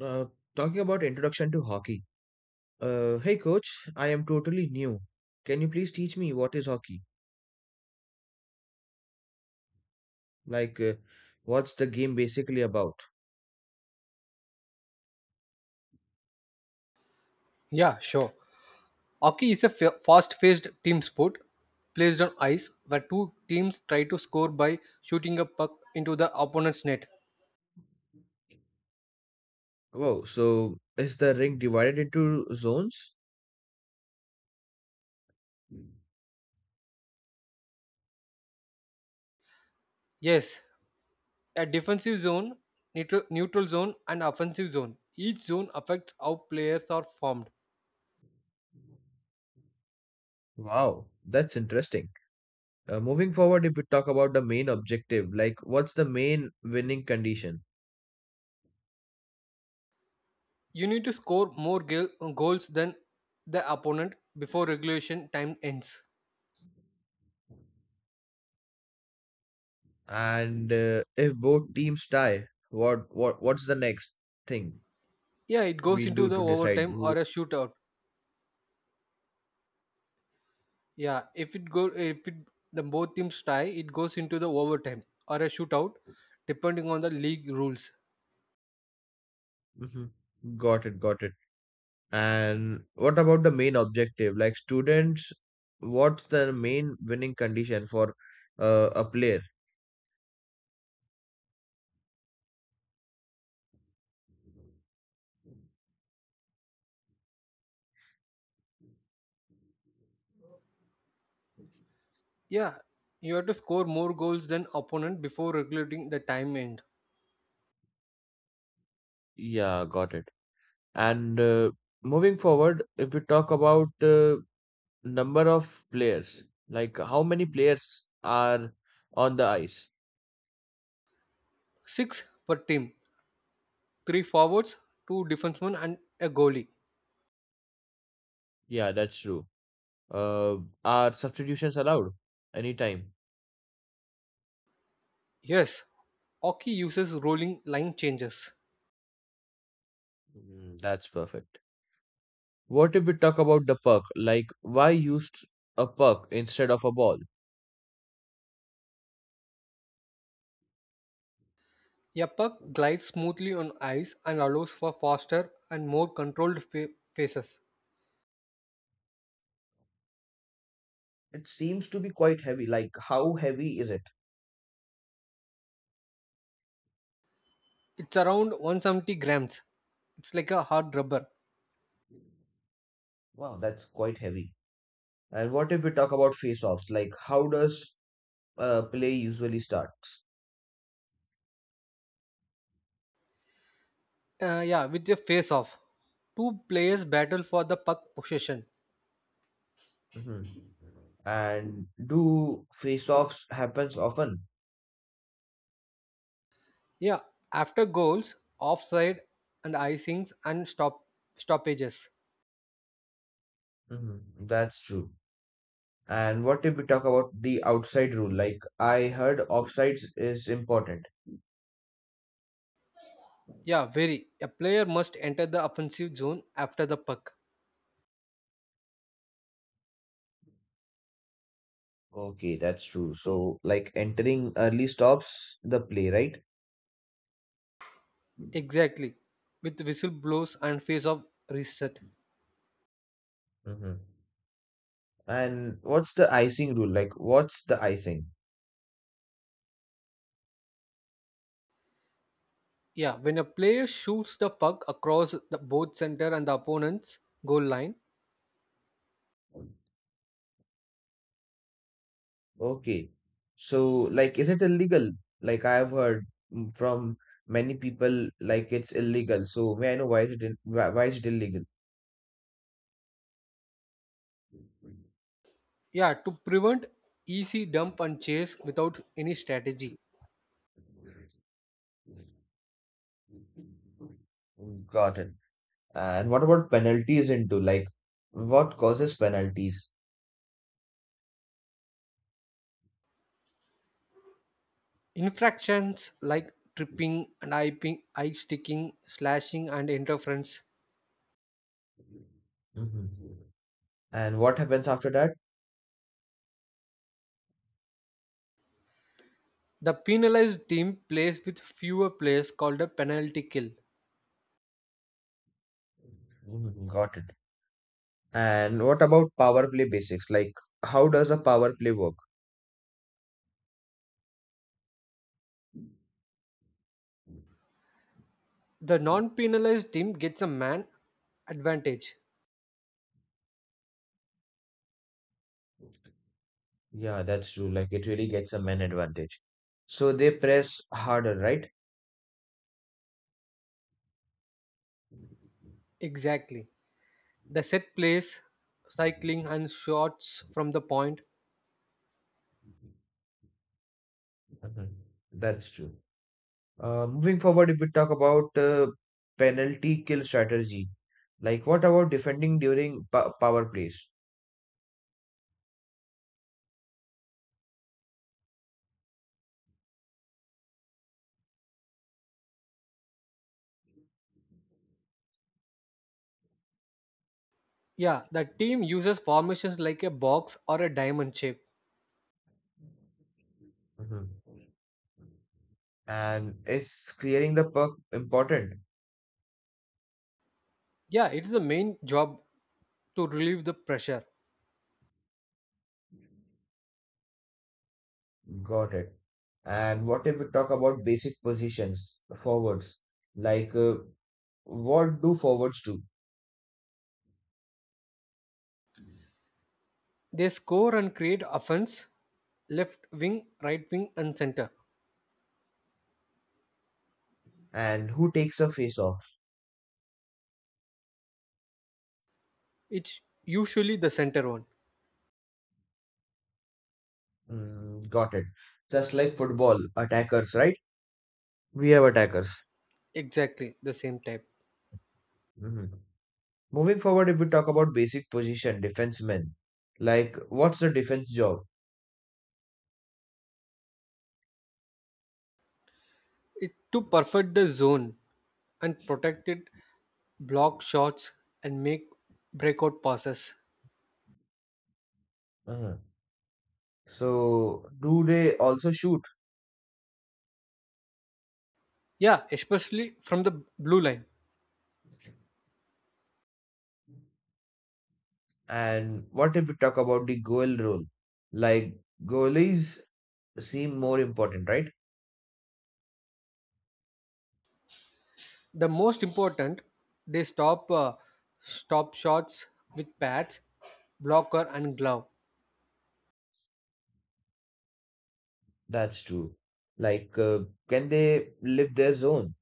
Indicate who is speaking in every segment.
Speaker 1: Uh, Talking about introduction to hockey. Hey coach, I am totally new. Can you please teach me what is hockey? Like, what's the game basically about?
Speaker 2: Yeah, sure. Hockey is a fast-paced team sport placed on ice where two teams try to score by shooting a puck into the opponent's net.
Speaker 1: Wow, so is the ring divided into zones?
Speaker 2: Yes, a defensive zone, neutral zone, and offensive zone. Each zone affects how players are formed.
Speaker 1: Wow, that's interesting. Moving forward, if we talk about the main objective, like what's the main winning condition?
Speaker 2: You need to score more goals than the opponent before regulation time ends.
Speaker 1: And if both teams tie, what's the next thing
Speaker 2: Yeah, it
Speaker 1: we
Speaker 2: goes into
Speaker 1: do
Speaker 2: the
Speaker 1: to decide
Speaker 2: overtime
Speaker 1: who?
Speaker 2: or a shootout. Yeah, if it go if it, the both teams tie, it goes into the overtime or a shootout, depending on the league rules.
Speaker 1: Mhm. Got it, got it. And what about the main objective? Like students, what's the main winning condition for a player?
Speaker 2: Yeah, you have to score more goals than opponent before regulating the time end.
Speaker 1: Yeah, got it. And moving forward, if we talk about number of players, like how many players are on the ice?
Speaker 2: Six per team, three forwards, two defensemen, and a goalie.
Speaker 1: Yeah, that's true. Uh, are substitutions allowed anytime?
Speaker 2: Yes, hockey uses rolling line changes.
Speaker 1: Mm, that's perfect. What if we talk about the puck? Like, why used a puck instead of a ball?
Speaker 2: A puck glides smoothly on ice and allows for faster and more controlled faces.
Speaker 1: It seems to be quite heavy. Like, how heavy is it?
Speaker 2: It's around 170 grams. It's like a hard rubber.
Speaker 1: Wow, that's quite heavy. And what if we talk about face-offs? Like, how does play usually starts?
Speaker 2: Yeah, with your face off. Two players battle for the puck possession.
Speaker 1: Mhm. And do face-offs happens often?
Speaker 2: Yeah, after goals, offside and icings and stoppages.
Speaker 1: Mhm. That's true. And what if we talk about the outside rule? Like, I heard offsides is important.
Speaker 2: Yeah, very. A player must enter the offensive zone after the puck.
Speaker 1: Okay, that's true. So, like, entering early stops the play, right?
Speaker 2: Exactly. With whistle blows and face off reset.
Speaker 1: Hmm. And what's the icing rule? Like, what's the icing?
Speaker 2: Yeah, when a player shoots the puck across the both center and the opponent's goal line.
Speaker 1: Okay. So, like, is it illegal? Like, I've heard from many people, like, it's illegal. So, may I know why is it illegal?
Speaker 2: Yeah, to prevent easy dump and chase without any strategy.
Speaker 1: Got it. And what about penalties into? Like, what causes penalties?
Speaker 2: Infractions like tripping and eye sticking, slashing, and interference.
Speaker 1: Mhm. And what happens after that?
Speaker 2: The penalized team plays with fewer players called a penalty kill.
Speaker 1: Mhm. Got it. And what about power play basics? Like, how does a power play work?
Speaker 2: The non penalized team gets a man advantage.
Speaker 1: Yeah, that's true. Like it really gets a man advantage. So they press harder, right?
Speaker 2: Exactly. The set plays, cycling, and shots from the point.
Speaker 1: Mhm. That's true. Moving forward, if we talk about penalty kill strategy, like what about defending during pa power plays?
Speaker 2: Yeah, the team uses formations like a box or a diamond shape.
Speaker 1: Mhm. And is clearing the puck important?
Speaker 2: Yeah, it is the main job to relieve the pressure.
Speaker 1: Got it. And what if we talk about basic positions, forwards? Like what do forwards do?
Speaker 2: They score and create offense left wing, right wing, and center.
Speaker 1: And who takes a face off?
Speaker 2: It's usually the center one,
Speaker 1: Mm, got it. Just like football, attackers, right? We have attackers.
Speaker 2: exactly the same type.
Speaker 1: Mhm. Moving forward, if we talk about basic position, defensemen, like what's the defense job?
Speaker 2: It to perfect the zone and protect it, block shots, and make breakout passes.
Speaker 1: Mhm. So, do they also shoot?
Speaker 2: Yeah, especially from the blue line.
Speaker 1: And what if we talk about the goal role? Like, goalies seem more important, right?
Speaker 2: The most important, they stop shots with pads, blocker, and glove.
Speaker 1: That's true. Like, can they leave their zone?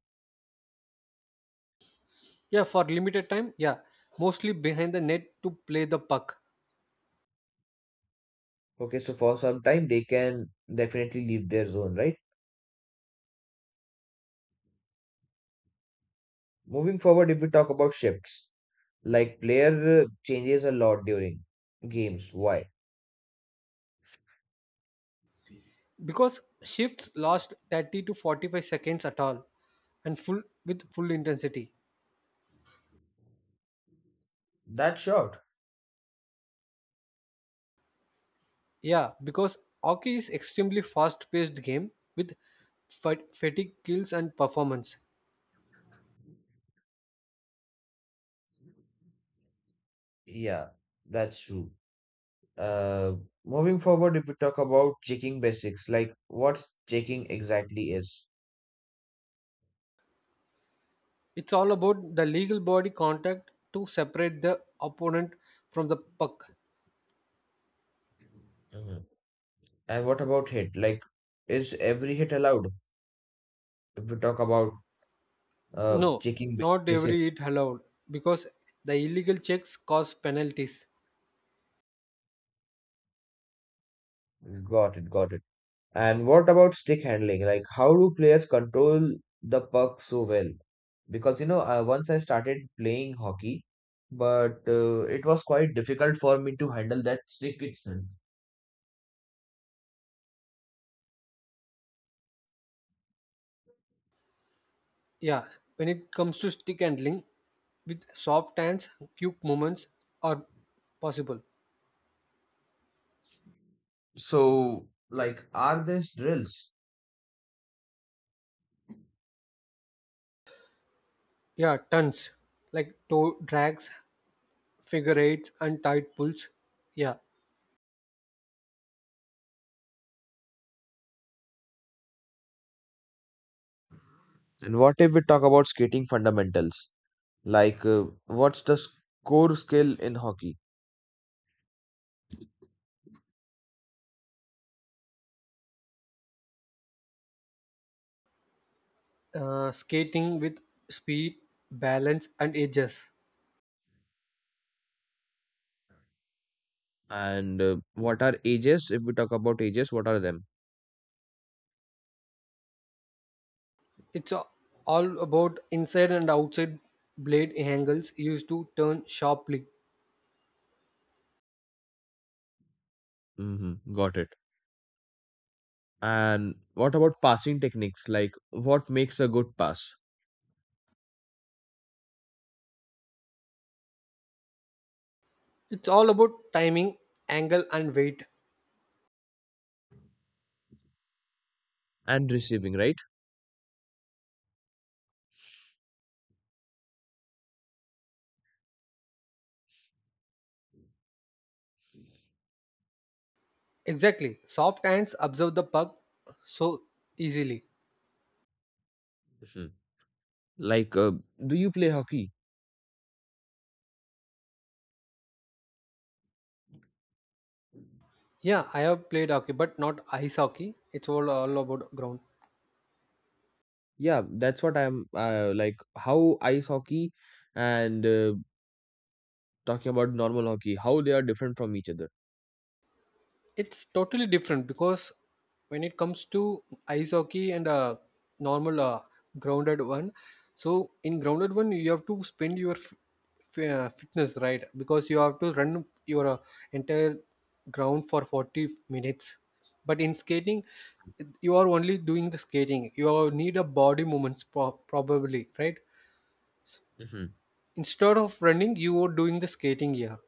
Speaker 2: Yeah, for limited time. Yeah, mostly behind the net to play the puck
Speaker 1: Okay, so for some time, they can definitely leave their zone, right? Moving forward, if we talk about shifts. Like player changes a lot during games. Why?
Speaker 2: because shifts last 30 to 45 seconds at all and full with full intensity.
Speaker 1: That's short.
Speaker 2: Yeah, because hockey is extremely fast paced game with fatigue kills and performance.
Speaker 1: Yeah, that's true. Uh, Moving forward, if we talk about checking basics, like what's checking exactly is.
Speaker 2: It's all about the legal body contact to separate the opponent from the puck.
Speaker 1: Mhm. And what about hit? Like, is every hit allowed? If we talk about
Speaker 2: No,
Speaker 1: checking
Speaker 2: not every
Speaker 1: basics.
Speaker 2: it allowed because the illegal checks cause penalties.
Speaker 1: Got it, got it. And what about stick handling? Like, how do players control the puck so well? Because, once I started playing hockey, but it was quite difficult for me to handle that stick itself.
Speaker 2: Yeah, when it comes to stick handling with soft hands, quick movements are possible.
Speaker 1: So, like, are there drills?
Speaker 2: Yeah, tons, like toe drags, figure eights, and tight pulls. Yeah,
Speaker 1: And what if we talk about skating fundamentals? Like, what's the core skill in hockey?
Speaker 2: skating with speed, balance, and edges.
Speaker 1: And what are ages? If we talk about ages, what are them?
Speaker 2: It's a- all about inside and outside blade angles used to turn sharply.
Speaker 1: Mm-hmm, got it. And what about passing techniques? Like what makes a good pass
Speaker 2: It's all about timing, angle, and weight.
Speaker 1: and receiving, right?
Speaker 2: Exactly. Soft hands observe the puck so easily.
Speaker 1: Mhm. Like, do you play hockey?
Speaker 2: Yeah, I have played hockey, but not ice hockey. It's all about ground.
Speaker 1: Yeah, that's what I'm like. How ice hockey and talking about normal hockey, how they are different from each other.
Speaker 2: It's totally different because when it comes to ice hockey and a normal grounded one, so in grounded one you have to spend your fitness right, because you have to run your entire ground for 40 minutes. But in skating, you are only doing the skating. You are- need a body movements probably right.
Speaker 1: Mhm.
Speaker 2: Instead of running, you are doing the skating here.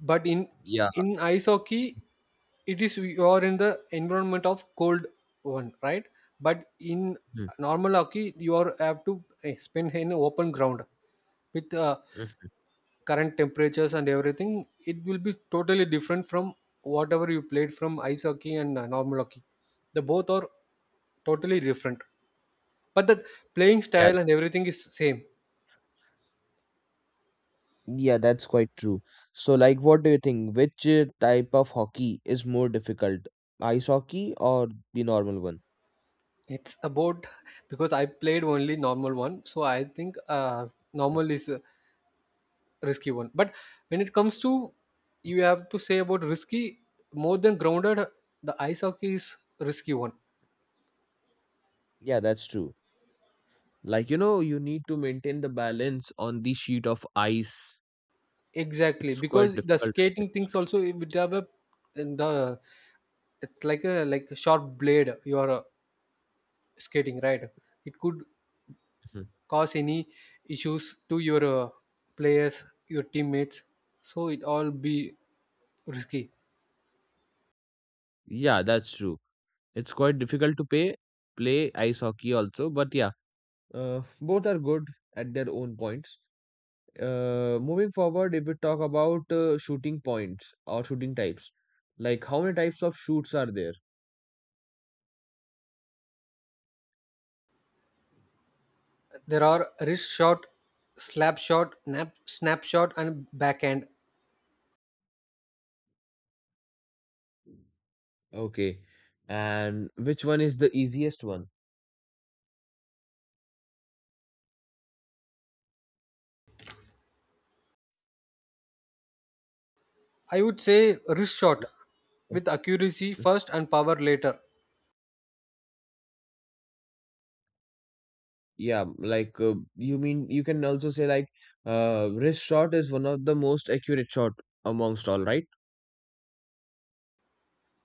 Speaker 2: But in
Speaker 1: Yeah.
Speaker 2: in ice hockey, it is you are in the environment of cold one right, but in
Speaker 1: Mhm.
Speaker 2: normal hockey you are have to spend in open ground with
Speaker 1: Mhm.
Speaker 2: current temperatures, and everything it will be totally different from whatever you played from ice hockey and normal hockey. The both are totally different, but the playing
Speaker 1: Yeah.
Speaker 2: style and everything is same.
Speaker 1: Yeah, that's quite true. So, like, what do you think? Which type of hockey is more difficult? Ice hockey or the normal one?
Speaker 2: It's about, because I played only normal one, so I think
Speaker 1: Mhm.
Speaker 2: normal is risky one. But when it comes to you have to say about risky more than grounded, the ice hockey is risky one.
Speaker 1: Yeah, that's true. Like, you need to maintain the balance on the sheet of ice.
Speaker 2: Exactly,
Speaker 1: It's quite
Speaker 2: because the
Speaker 1: difficult, I
Speaker 2: skating
Speaker 1: guess.
Speaker 2: things also it would have a, and the, it's like a sharp blade you are skating right. It could
Speaker 1: Mhm.
Speaker 2: cause any issues to your players, your teammates. So it all be risky.
Speaker 1: Yeah, that's true. It's quite difficult to play ice hockey also, but yeah, both are good at their own points. Moving forward, if we talk about shooting points or shooting types, like how many types of shoots are there?
Speaker 2: There are wrist shot, slap shot, snap shot, and backhand.
Speaker 1: Okay, and which one is the easiest one?
Speaker 2: I would say wrist shot with accuracy first and power later.
Speaker 1: Yeah, like you mean you can also say like wrist shot is one of the most accurate shot amongst all, right?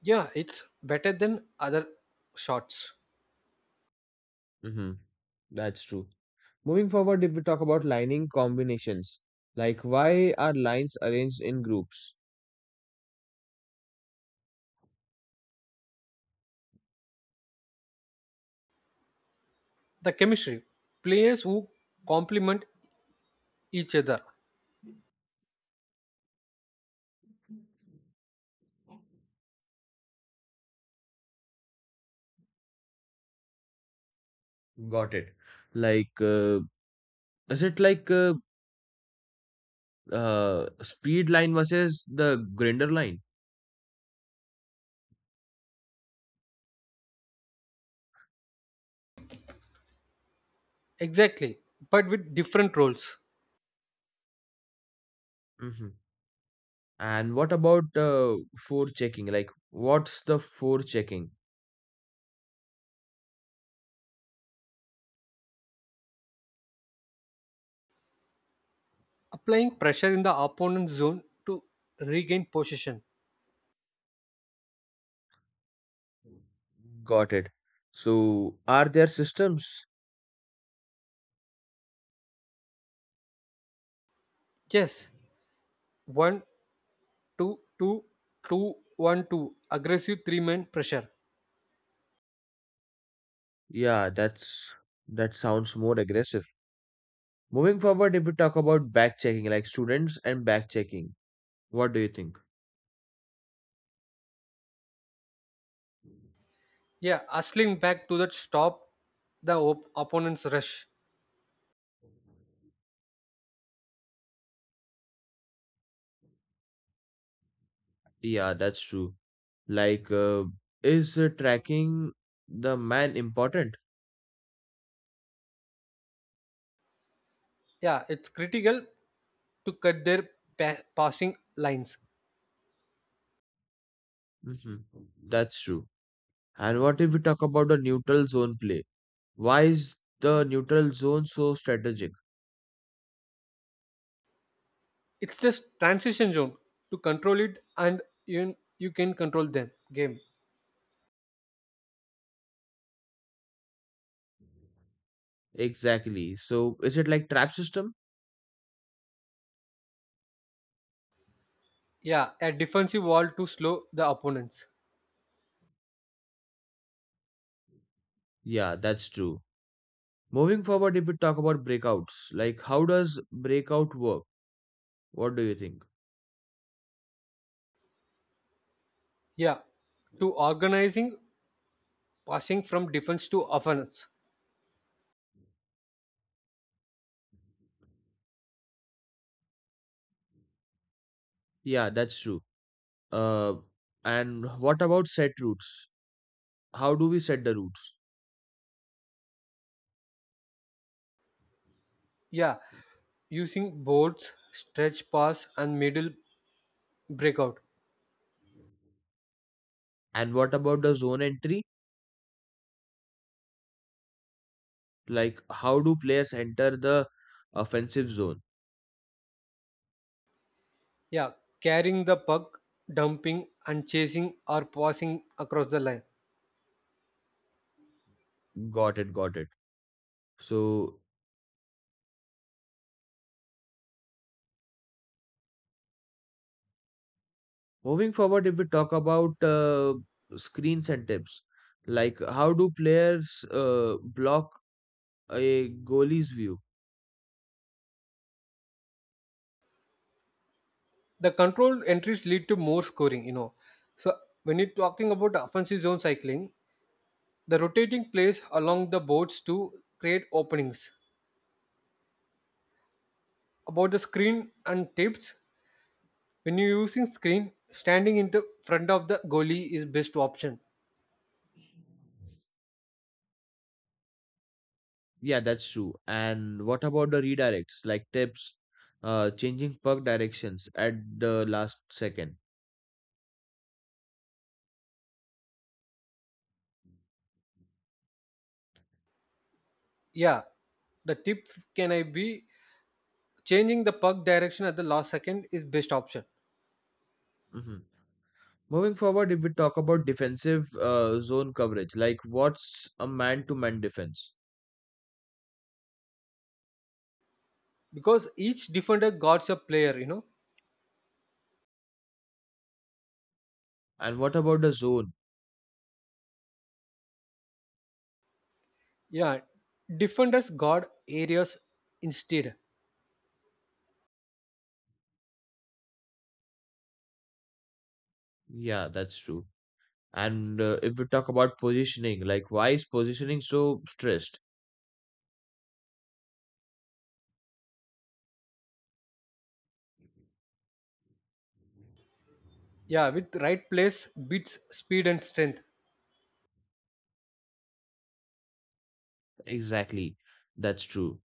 Speaker 2: Yeah, it's better than other shots.
Speaker 1: Mm-hmm. That's true. Moving forward, if we talk about lining combinations, like why are lines arranged in groups?
Speaker 2: The chemistry players who complement each other,
Speaker 1: Got it. Like, is it like speed line versus the grinder line?
Speaker 2: exactly, but with different roles.
Speaker 1: Hmm. And what about fore checking? Like, what's the fore checking?
Speaker 2: Applying pressure in the opponent's zone to regain possession.
Speaker 1: Got it. So, are there systems?
Speaker 2: Yes, 1-2-2, 2-1-2, aggressive three-man pressure.
Speaker 1: Yeah, that sounds more aggressive. Moving forward, if we talk about back checking, like students and back checking, what do you think?
Speaker 2: Yeah, hustling back to that stop the opponent's rush.
Speaker 1: Yeah, that's true. Like, is tracking the man important?
Speaker 2: Yeah, it's critical to cut their passing lines.
Speaker 1: Hmm. That's true. And what if we talk about the neutral zone play? Why is the neutral zone so strategic?
Speaker 2: It's just transition zone to control it, and you can control them. Game.
Speaker 1: Exactly. So, is it like trap system?
Speaker 2: Yeah, a defensive wall to slow the opponents.
Speaker 1: Yeah, that's true. Moving forward, if we talk about breakouts, like how does breakout work? What do you think?
Speaker 2: Yeah, to organizing passing from defense to offense.
Speaker 1: Yeah, that's true. Uh, and what about set routes? How do we set the routes?
Speaker 2: Yeah, using boards, stretch pass, and middle breakout.
Speaker 1: And what about the zone entry? Like how do players enter the offensive zone?
Speaker 2: Yeah, carrying the puck, dumping, and chasing or passing across the line.
Speaker 1: Got it, got it. So moving forward, if we talk about screens and tips, like how do players block a goalie's view?
Speaker 2: The controlled entries lead to more scoring, you know, so when you're talking about the offensive zone cycling, the rotating plays along the boards to create openings. About the screen and tips, when you're using screen standing in the front of the goalie is best option.
Speaker 1: Yeah, that's true. And what about the redirects, like tips, changing puck directions at the last 2nd.
Speaker 2: Yeah, the tips can I be changing the puck direction at the last second is best option.
Speaker 1: Hmm. Moving forward, if we talk about defensive zone coverage, like what's a man-to-man defense?
Speaker 2: Because each defender guards a player, you know.
Speaker 1: And what about the zone?
Speaker 2: Yeah, defenders guard areas instead.
Speaker 1: Yeah, that's true. And if we talk about positioning, like why is positioning so stressed?
Speaker 2: Yeah, with right place, beats, speed, and strength.
Speaker 1: Exactly, that's true.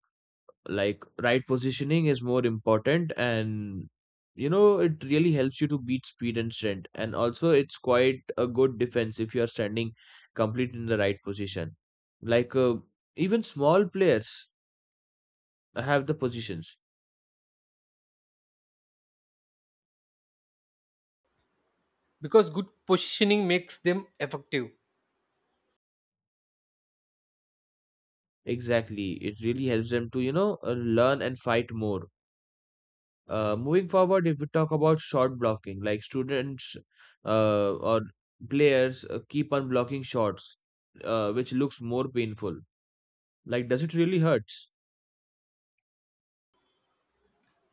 Speaker 1: Like right positioning is more important, and it really helps you to beat speed and strength, and also it's quite a good defense if you are standing complete in the right position. Like even small players have the positions.
Speaker 2: Because good positioning makes them effective.
Speaker 1: Exactly, it really helps them to learn and fight more. Moving forward, if we talk about shot blocking, like students or players keep on blocking shots, which looks more painful. Like, does it really hurts?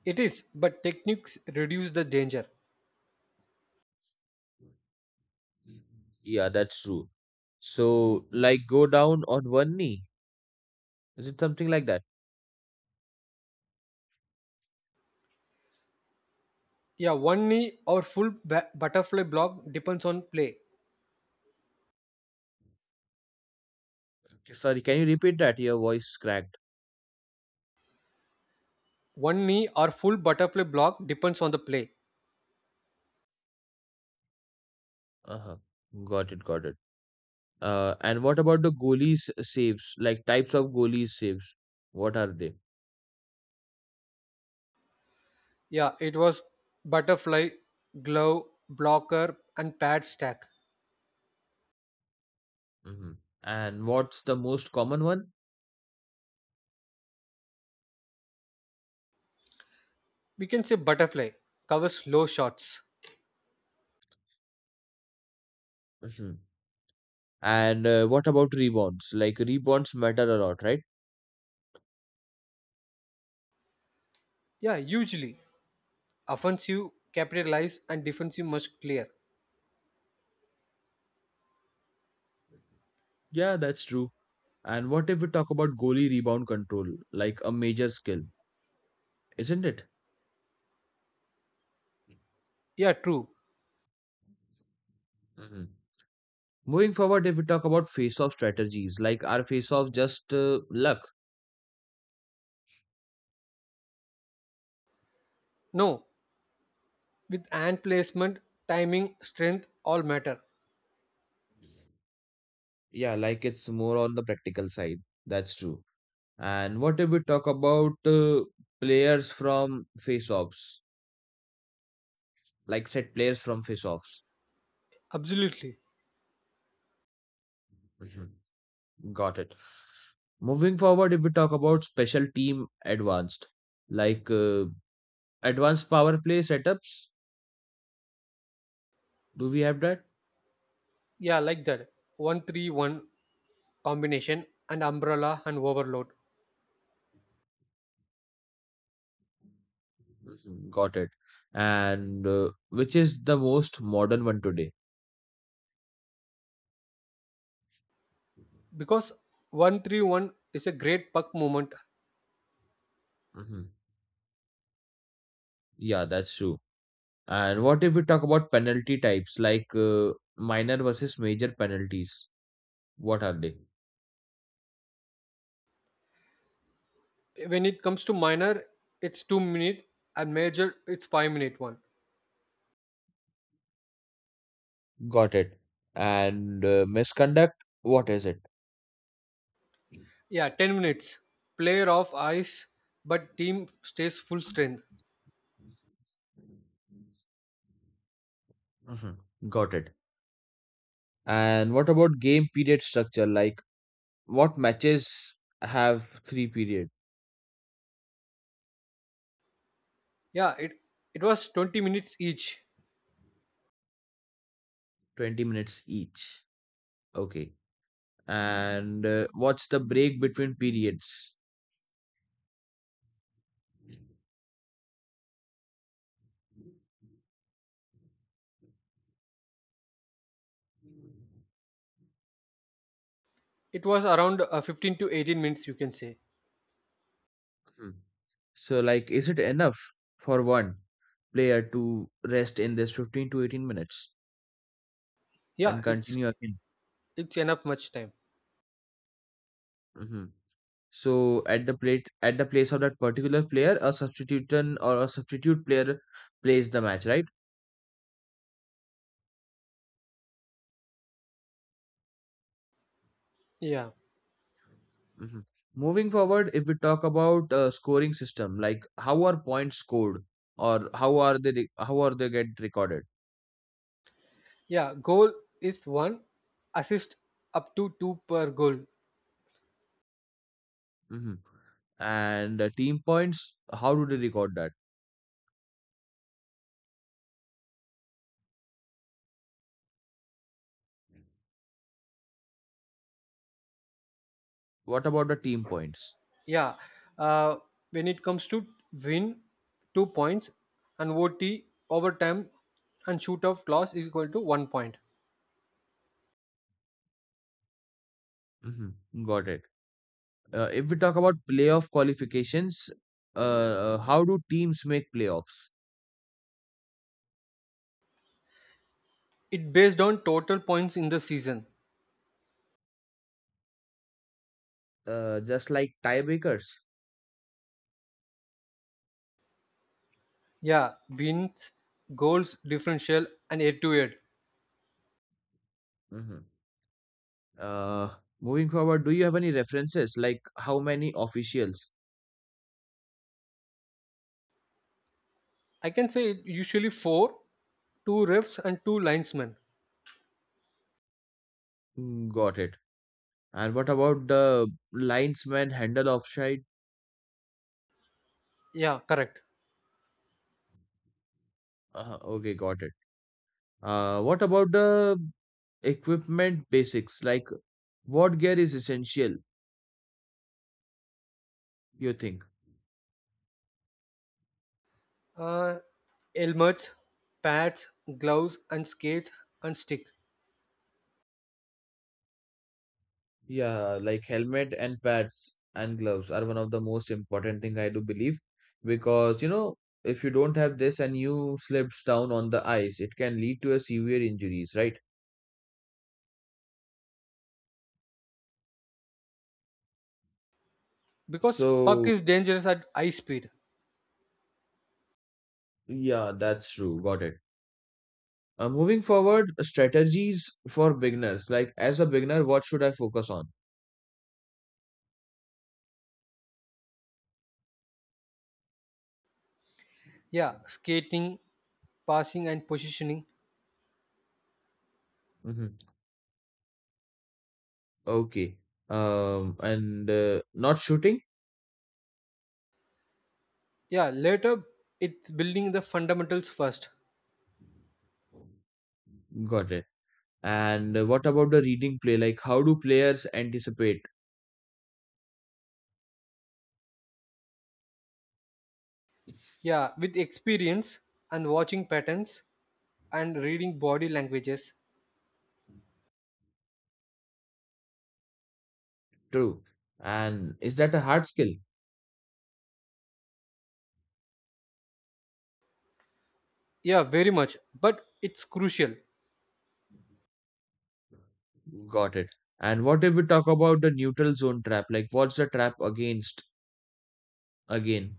Speaker 2: It is, but techniques reduce the danger.
Speaker 1: Yeah, that's true. So, like, go down on one knee. Is it something like that?
Speaker 2: Yeah, one knee or full butterfly block depends on play.
Speaker 1: Okay, sorry, can you repeat that? Your voice cracked.
Speaker 2: One knee or full butterfly block depends on the play.
Speaker 1: Uh-huh. Got it, got it. And what about the goalies saves? Like types of goalies saves. What are they?
Speaker 2: Yeah, it was butterfly, glove, blocker, and pad stack.
Speaker 1: Mm-hmm. And what's the most common one?
Speaker 2: We can say butterfly covers low shots.
Speaker 1: Mm-hmm. And what about rebounds? Like rebounds matter a lot, right?
Speaker 2: Yeah, usually offensive capitalize and defensive must clear.
Speaker 1: Yeah, that's true. And what if we talk about goalie rebound control, like a major skill, isn't it?
Speaker 2: Yeah, true.
Speaker 1: Mhm. Moving forward, if we talk about face off strategies, like are face off just luck?
Speaker 2: No, with hand placement, timing, strength all matter.
Speaker 1: Yeah, like it's more on the practical side. That's true. And what if we talk about players from face offs? Like set players from face offs.
Speaker 2: Absolutely.
Speaker 1: Got it. Moving forward, if we talk about special team advanced, like advanced power play setups, do we have that?
Speaker 2: Yeah, like that. 1-3-1 combination and umbrella and overload.
Speaker 1: Mhm. Got it. And which is the most modern one today?
Speaker 2: Because 1-3-1 is a great puck movement.
Speaker 1: Mhm. Yeah, that's true. And what if we talk about penalty types like minor versus major penalties? What are they?
Speaker 2: When it comes to minor, it's 2 minute, and major, it's 5 minute one.
Speaker 1: Got it. And misconduct, what is it?
Speaker 2: Yeah, 10 minutes. Player off ice, but team stays full strength.
Speaker 1: Mhm. Got it. And what about game period structure? Like what matches have three period,
Speaker 2: Yeah, it was 20 minutes each.
Speaker 1: 20 minutes each? Okay. And what's the break between periods?
Speaker 2: It was around 15 to 18 minutes, you can say.
Speaker 1: Hmm. So like is it enough for one player to rest in this 15 to 18 minutes and
Speaker 2: Yeah,
Speaker 1: continue again?
Speaker 2: it's enough much time.
Speaker 1: Mhm. So at the plate at the place of that particular player, a substitution or a substitute player plays the match, right?
Speaker 2: Yeah,
Speaker 1: Mhm. Moving forward, if we talk about scoring system, like how are points scored, or how are they get recorded?
Speaker 2: yeah. Goal is one assist up to two per goal.
Speaker 1: Mhm. And team points, how do they record that? What about the team points?
Speaker 2: Yeah. Uh, when it comes to win, two points, and OT overtime and shoot off loss is equal to one point.
Speaker 1: Mhm. Got it. If we talk about playoff qualifications, uh, how do teams make playoffs?
Speaker 2: It based on total points in the season.
Speaker 1: Just like tiebreakers.
Speaker 2: Yeah, wins, goals, differential, and head to head.
Speaker 1: Mhm. Moving forward, do you have any references like how many officials?
Speaker 2: I can say it usually four, two refs and two linesmen.
Speaker 1: Mm, got it? And what about the linesman handle offside?
Speaker 2: Yeah, correct.
Speaker 1: Okay, got it. What about the equipment basics? Like what gear is essential, you think?
Speaker 2: Uh, helmets, pads, gloves, and skates and stick.
Speaker 1: Yeah, like helmet and pads and gloves are one of the most important thing I do believe, because if you don't have this and you slips down on the ice, it can lead to a severe injuries, right?
Speaker 2: Because puck
Speaker 1: So.
Speaker 2: is dangerous at high speed.
Speaker 1: Yeah, that's true. Got it. Moving forward, strategies for beginners. Like as a beginner, what should I focus on?
Speaker 2: Yeah, skating, passing and positioning.
Speaker 1: Hmm. Okay. And not shooting.
Speaker 2: Yeah later, it's building the fundamentals first.
Speaker 1: Got it. And what about the reading play? Like how do players anticipate?
Speaker 2: Yeah, with experience and watching patterns and reading body languages.
Speaker 1: True. And is that a hard skill?
Speaker 2: Yeah, very much, but it's crucial.
Speaker 1: Got it. And what if we talk about the neutral zone trap? Like what's the trap against again?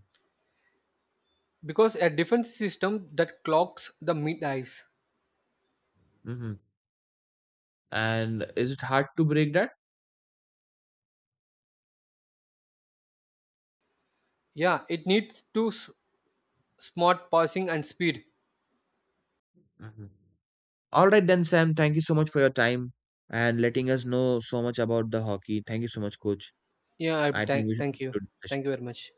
Speaker 2: Because a defense system that clocks the mid ice.
Speaker 1: Hmm. And is it hard to break that?
Speaker 2: Yeah, it needs to smart passing and speed.
Speaker 1: Hmm. All right then, Sam. Thank you so much for your time and letting us know so much about the hockey. Thank you so much, coach.
Speaker 2: Yeah,
Speaker 1: I think we
Speaker 2: thank
Speaker 1: should
Speaker 2: thank you.
Speaker 1: conclude the session.
Speaker 2: Thank you very much.